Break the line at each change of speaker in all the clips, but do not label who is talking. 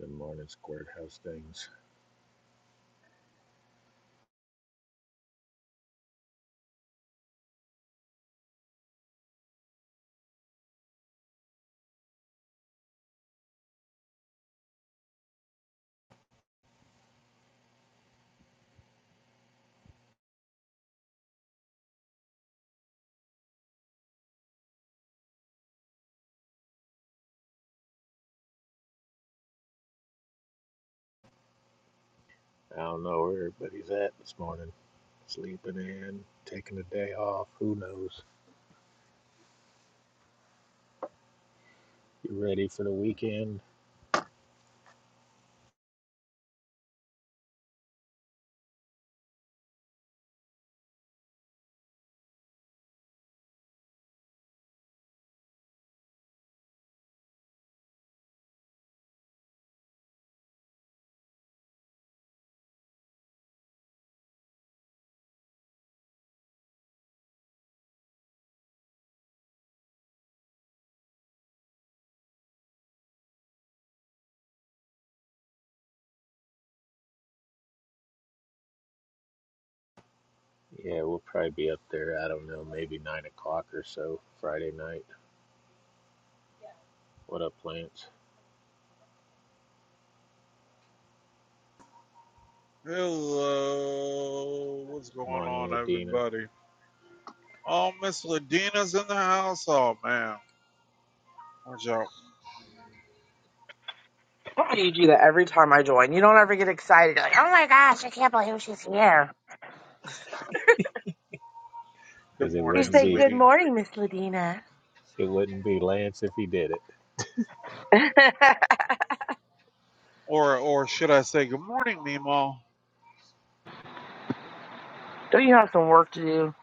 Good morning, Squirt House Things. I don't know where everybody's at this morning. Sleeping in, taking a day off, who knows? You ready for the weekend? Yeah, we'll probably be up there, I don't know, maybe 9 o'clock or so Friday night. What up, Lance?
Hello, what's going
Morning,
on,
Ladina.
everybody? Oh, Miss Ladina's in the house. Oh man, watch out.
You do that every time I join. You don't ever get excited. You're like, oh my gosh, I can't believe she's here.
Because
Good
it
You
morning,
wouldn't
say,
be
good
sweetie.
morning, Miss Ladina.
it wouldn't be Lance if he did it.
don't
Or, or should I say, good morning, Mimo?
you have some work to do?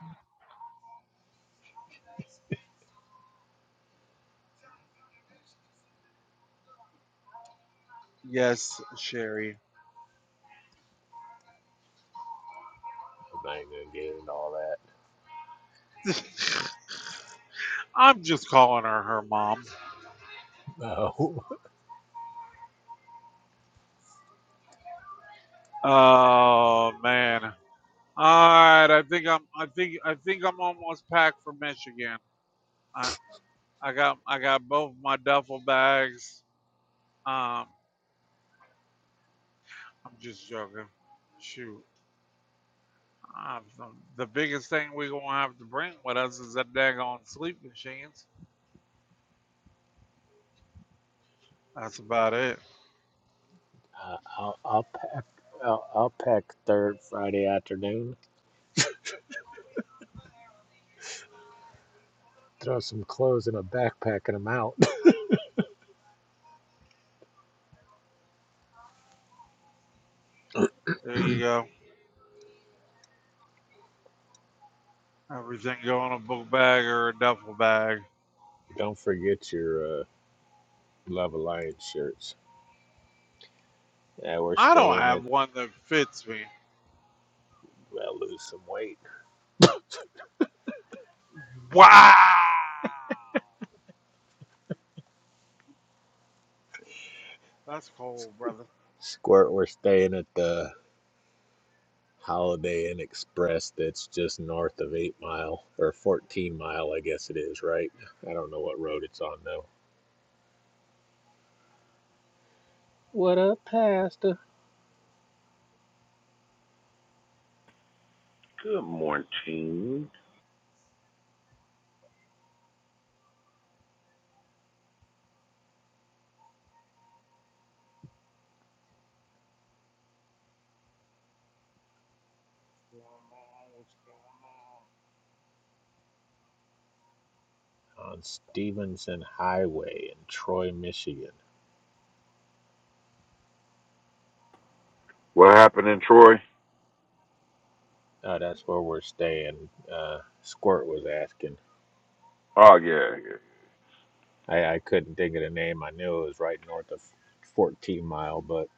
Yes, Sherry.
I'm not even gonna get into all that.
I'm just calling her her mom.
No.
Oh man. All right, I think I'm. I think I think I'm almost packed for Michigan. I I got I got both my duffel bags. Um, I'm just joking. Shoot. Uh, the, the biggest thing we're gonna have to bring with us is that daggone sleep machines. That's about it.
Uh, I'll, I'll pack. I'll, I'll pack third Friday afternoon. Throw some clothes in a backpack and I'm out.
There you go. Everything go in a book bag or a duffel bag.
Don't forget your uh, Love Alliance shirts. Yeah, we're
I don't
staying at.
have one that fits me.
Well, lose some weight.
Wow, that's cold, brother.
Squirt, we're staying at the Holiday Inn Express that's just north of 8 Mile, or 14 Mile, I guess it is, right? I don't know what road it's on, though. What up, Pastor?
Good morning.
What's going on? What's going
On Stevenson Highway in Troy, Michigan.
What happened in Troy?
Uh, that's where we're staying. Uh, Squirt was asking.
Oh yeah. yeah.
I, I couldn't think of the name. I knew it was right north of 14 Mile, but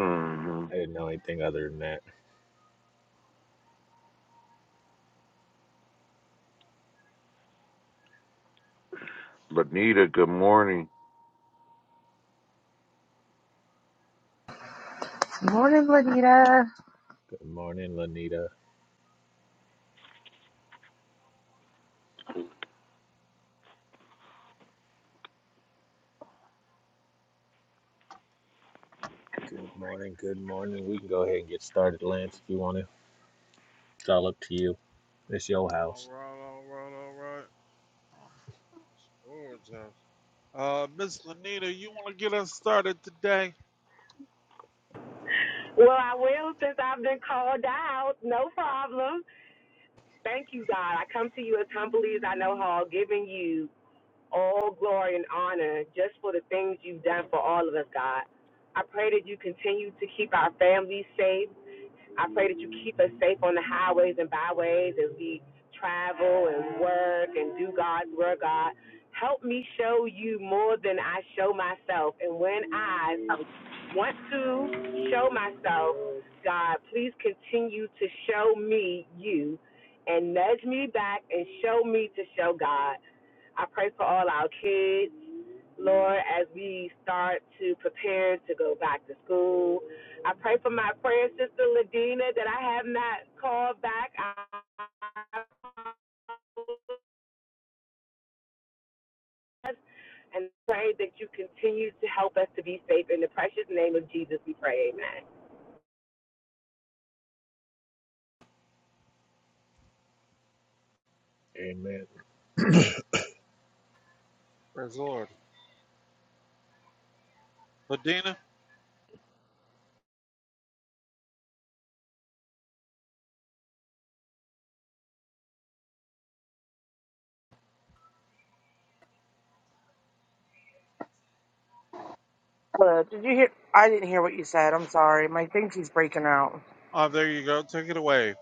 Mm-hmm.
I didn't know anything other than that.
Lanita, good morning.
Morning, Ladina.
Good morning, Lanita. Good morning. Good morning. We can go ahead and get started, Lance, if you want to. It's all up to you. It's your
on? All
house.
right, all right, all right. Oh, It's gorgeous. Uh, Miss Lanita, you want to get us started today?
Well, I will since I've been called out. No problem. Thank you, God. I come to you as humbly as I know how, giving you all glory and honor just for the things you've done for all of us, God. I pray that you continue to keep our families safe. I pray that you keep us safe on the highways and byways as we travel and work and do God's work, God. Help me show you more than I show myself. And when I want to show myself. God, please continue to show me you and nudge me back and show me to show God. I pray for all our kids, Lord, as we start to prepare to go back to school. I pray for my prayer sister, Ladina, that I have not called back. I and pray that you continue to help us to be safe. In the precious name of Jesus, we pray. Amen.
Amen.
Praise the Lord. Ladina,
Uh, did you hear? I didn't hear what you said. I'm sorry. My thing breaking out.
oh, there you go. Take it away.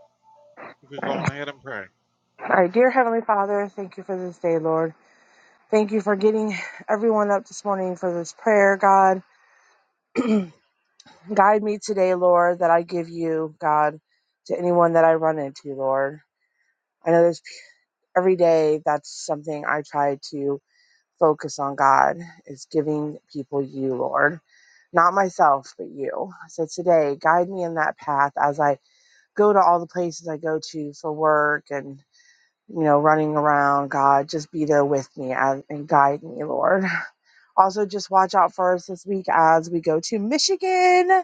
We can go on ahead and pray.
All right, dear Heavenly Father, thank you for this day, Lord. Thank you for getting everyone up this morning for this prayer, God. Guide me today, Lord, that I give you, God, to anyone that I run into, Lord. I know there's every day that's something I try to focus on God is giving people you, Lord. Not myself, but you. So today, guide me in that path as I go to all the places I go to for work and you know, running around, God, just be there with me and, and guide me, Lord. Also, just watch out for us this week as we go to Michigan.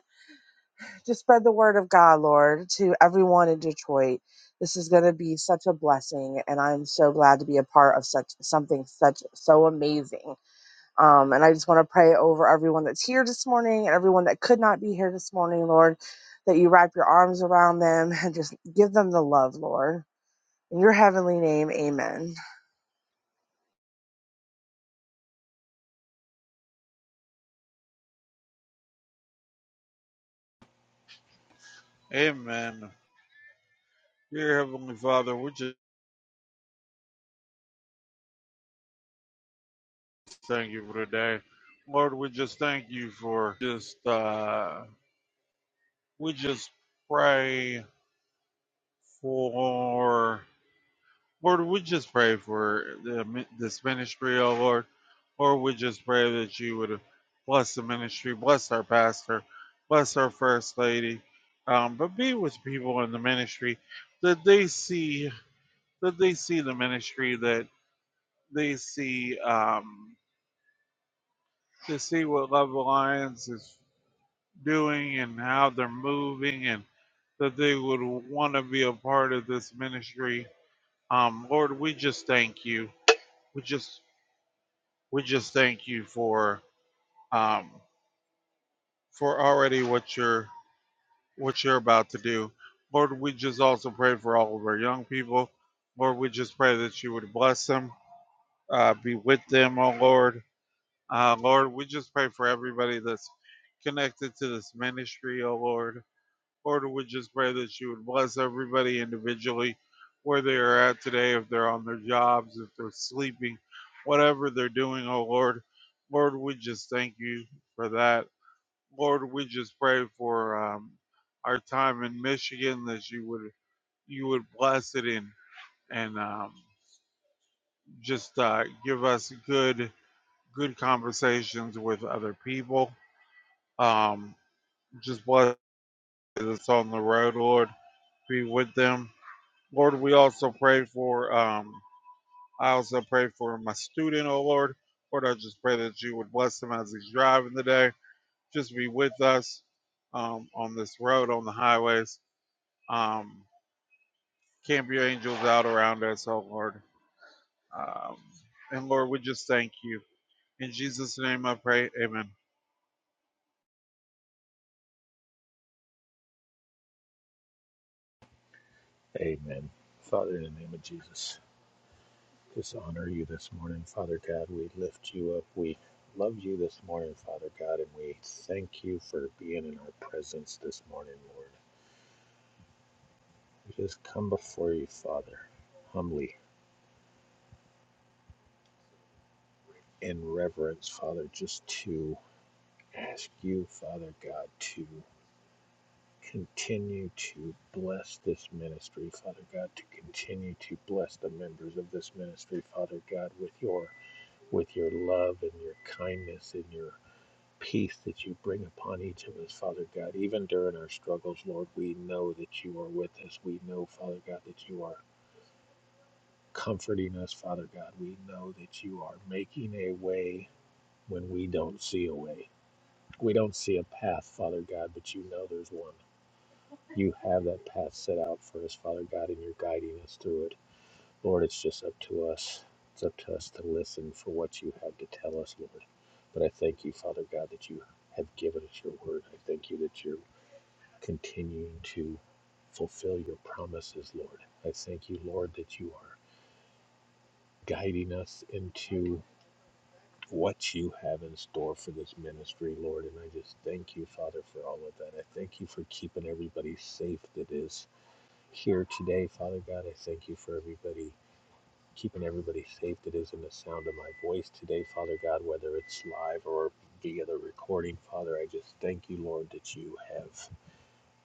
Just spread the word of God, Lord, to everyone in Detroit. This is going to be such a blessing, and I'm so glad to be a part of such something such so amazing. Um, and I just want to pray over everyone that's here this morning and everyone that could not be here this morning, Lord, that you wrap your arms around them and just give them the love, Lord. In your heavenly name, amen.
Amen. Dear Heavenly Father, we just thank you for today. Lord, we just thank you for just, uh, we just pray for, Lord, we just pray for the, this ministry, oh Lord. Lord, we just pray that you would bless the ministry, bless our pastor, bless our first lady, um, but be with people in the ministry that they see, that they see the ministry that they see um, to see what Love Alliance is doing and how they're moving, and that they would want to be a part of this ministry. Um, Lord, we just thank you. We just we just thank you for um, for already what you're what you're about to do. Lord, we just also pray for all of our young people. Lord, we just pray that you would bless them, uh, be with them, oh Lord Uh, Lord, we just pray for everybody that's connected to this ministry, oh Lord. Lord, we just pray that you would bless everybody individually where they are at today, if they're on their jobs, if they're sleeping, whatever they're doing, oh Lord. Lord, we just thank you for that. Lord, we just pray for um, our time in Michigan that you would you would bless it and and um, just uh, give us good good conversations with other people. Um, just bless us on the road, Lord. Be with them. Lord, we also pray for, um, I also pray for my student, oh Lord. Lord, I just pray that you would bless him as he's driving today. Just be with us um, on this road, on the highways. Um, camp your angels out around us, oh Lord. Um, and Lord, we just thank you. In Jesus' name I pray, amen.
Amen. Father, in the name of Jesus, just honor you this morning, Father God. We lift you up. We love you this morning, Father God, and we thank you for being in our presence this morning, Lord. We just come before you, Father, humbly in reverence, Father, just to ask you, Father God, to continue to bless this ministry, Father God, to continue to bless the members of this ministry, Father God, with your with your love and your kindness and your peace that you bring upon each of us, Father God. Even during our struggles, Lord, we know that you are with us. We know, Father God, that you are comforting us, Father God. We know that you are making a way when we don't see a way. We don't see a path, Father God, but you know there's one. You have that path set out for us, Father God, and you're guiding us through it. Lord, it's just up to us. It's up to us to listen for what you have to tell us, Lord. But I thank you, Father God, that you have given us your word. I thank you that you're continuing to fulfill your promises, Lord. I thank you, Lord, that you are guiding us into what you have in store for this ministry, Lord. And I just thank you, Father, for all of that. I thank you for keeping everybody safe that is here today, Father God. I thank you for everybody. Keeping everybody safe that is in the sound of my voice today, Father God, whether it's live or via the recording, Father, I just thank you, Lord, that you have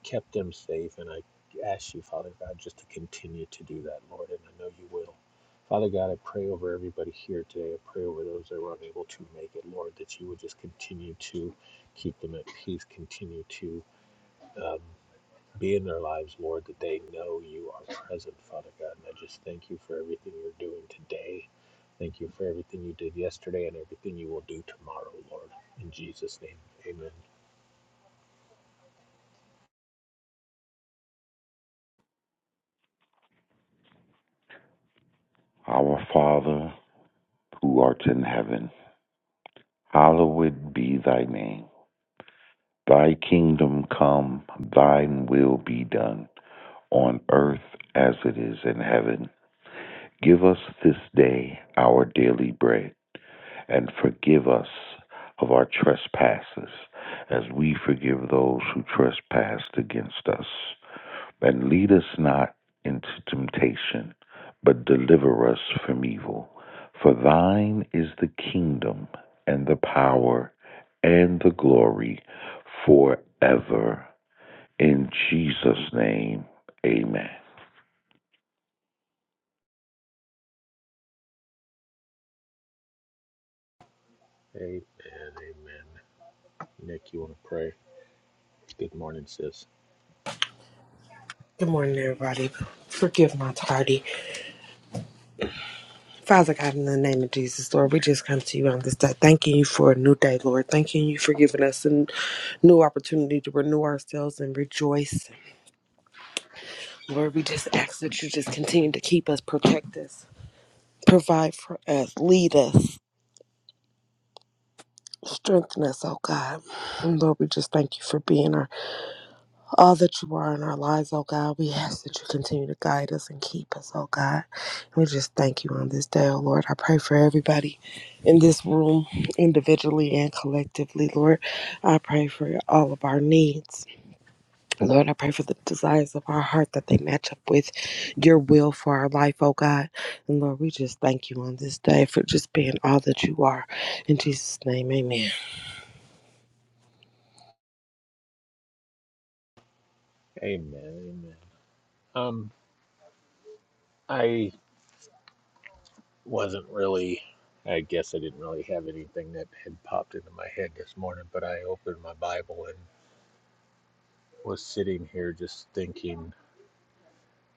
kept them safe. And I ask you, Father God, just to continue to do that, Lord, and I know you will. Father God, I pray over everybody here today. I pray over those that were unable to make it, Lord, that you would just continue to keep them at peace, continue to um, be in their lives, Lord, that they know you are present, Father God. And I just thank you for everything you're doing today. Thank you for everything you did yesterday and everything you will do tomorrow, Lord. In Jesus' name, amen.
Our Father, who art in heaven, hallowed be thy name. Thy kingdom come, thine will be done, on earth as it is in heaven. Give us this day our daily bread, and forgive us of our trespasses, as we forgive those who trespass against us. And lead us not into temptation, but deliver us from evil. For thine is the kingdom, and the power, and the glory forever. In Jesus' name, amen.
Amen. Amen. Nick, you want to pray? Good morning, sis.
Good morning, everybody. Forgive my tardy. Father God, in the name of Jesus, Lord, we just come to you on this day, thanking you for a new day, Lord. Thanking you for giving us a new opportunity to renew ourselves and rejoice. Lord, we just ask that you just continue to keep us, protect us, provide for us, lead us, strengthen us, oh God. And Lord, we just thank you for being our all that you are in our lives, oh God. We ask that you continue to guide us and keep us, oh God. We just thank you on this day, oh Lord. I pray for everybody in this room, individually and collectively, Lord. I pray for all of our needs. Lord, I pray for the desires of our heart that they match up with your will for our life, oh God. And Lord, we just thank you on this day for just being all that you are. In Jesus' name, amen.
Amen. Amen. Um, I wasn't really. I guess I didn't really have anything that had popped into my head this morning, but I opened my Bible and was sitting here just thinking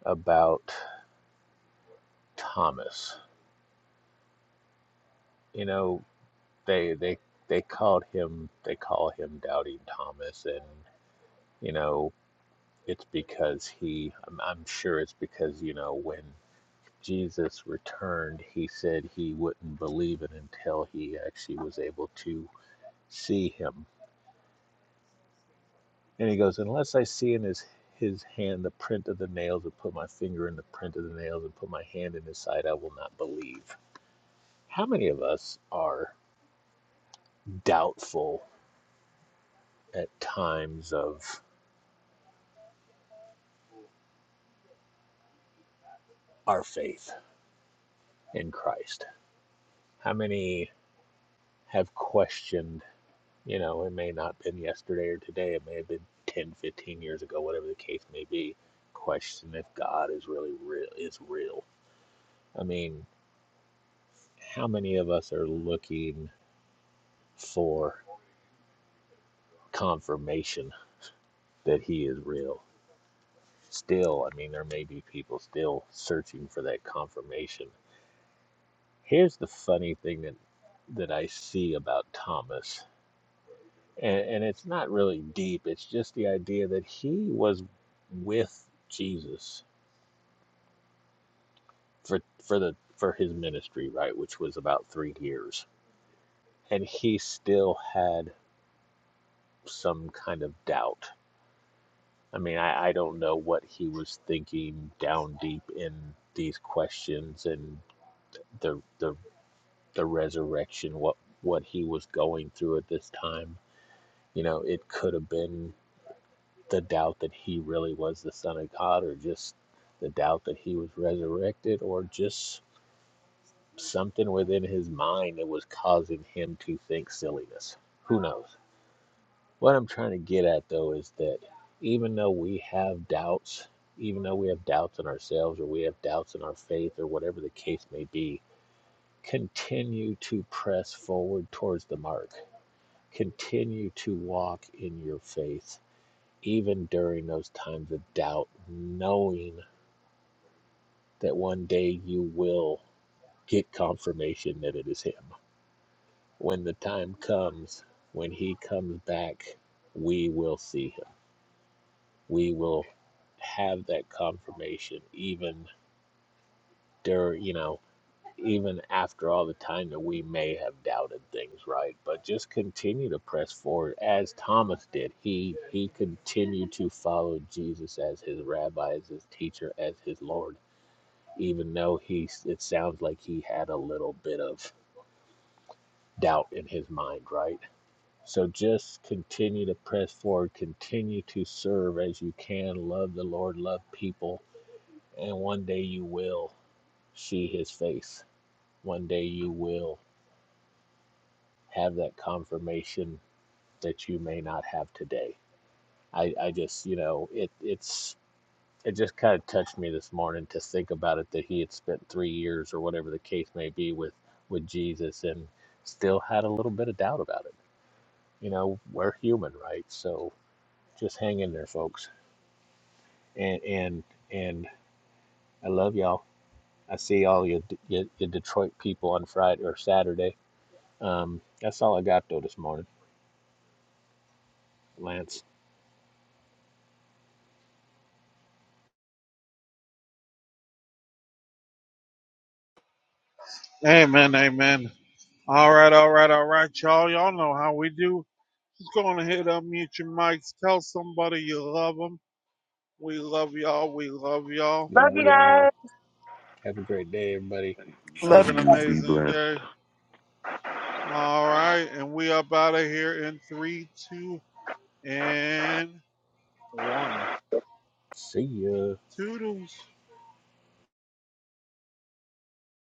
about Thomas. You know, they they they called him they call him doubting Thomas, and you know it's because he. I'm, I'm sure it's because you know when Jesus returned, he said he wouldn't believe it until he actually was able to see him. And he goes, Unless I see in his his hand the print of the nails and put my finger in the print of the nails and put my hand in his side, I will not believe. How many of us are doubtful at times of our faith in Christ? How many have questioned You know, it may not have been yesterday or today. It may have been 10, 15 years ago, whatever the case may be. Question if God is really real, is real. I mean, how many of us are looking for confirmation that he is real? Still, I mean, there may be people still searching for that confirmation. Here's the funny thing that that I see about Thomas, and, and it's not really deep. It's just the idea that he was with Jesus for for the for his ministry, right, which was about three years, and he still had some kind of doubt. I mean, I, I don't know what he was thinking down deep in these questions and the the the resurrection, what what he was going through at this time. You know, it could have been the doubt that he really was the Son of God, or just the doubt that he was resurrected, or just something within his mind that was causing him to think silliness. Who knows? What I'm trying to get at though is that even though we have doubts, even though we have doubts in ourselves or we have doubts in our faith or whatever the case may be, continue to press forward towards the mark. Continue to walk in your faith, even during those times of doubt, knowing that one day you will get confirmation that it is Him When the time comes, when he comes back, we will see him. We will have that confirmation, even during, you know, even after all the time that we may have doubted things, right? But just continue to press forward as Thomas did. He he continued to follow Jesus as his rabbi, as his teacher, as his Lord, even though he it sounds like he had a little bit of doubt in his mind, right? So just continue to press forward, continue to serve as you can, love the Lord, love people, and one day you will see his face. One day you will have that confirmation that you may not have today. I, I just, you know, it it's it just kind of touched me this morning to think about it that he had spent three years or whatever the case may be with with Jesus and still had a little bit of doubt about it. You know, we're human, right? So just hang in there, folks. and and and I love y'all. I see all your your, your Detroit people on Friday or Saturday. Um, that's all I got though this morning. Lance,
Amen, amen. All right, all right, all right, y'all. Y'all know how we do. Just go on ahead, unmute your mics. Tell somebody you love them. We love y'all. We love y'all.
we
Love
love
you guys.
y'all. Have a great day, everybody.
Love
Have
Love.
an
you. Be
amazing
blessed.
day. All right. And we up out of here in three, two, and one.
See ya.
Toodles.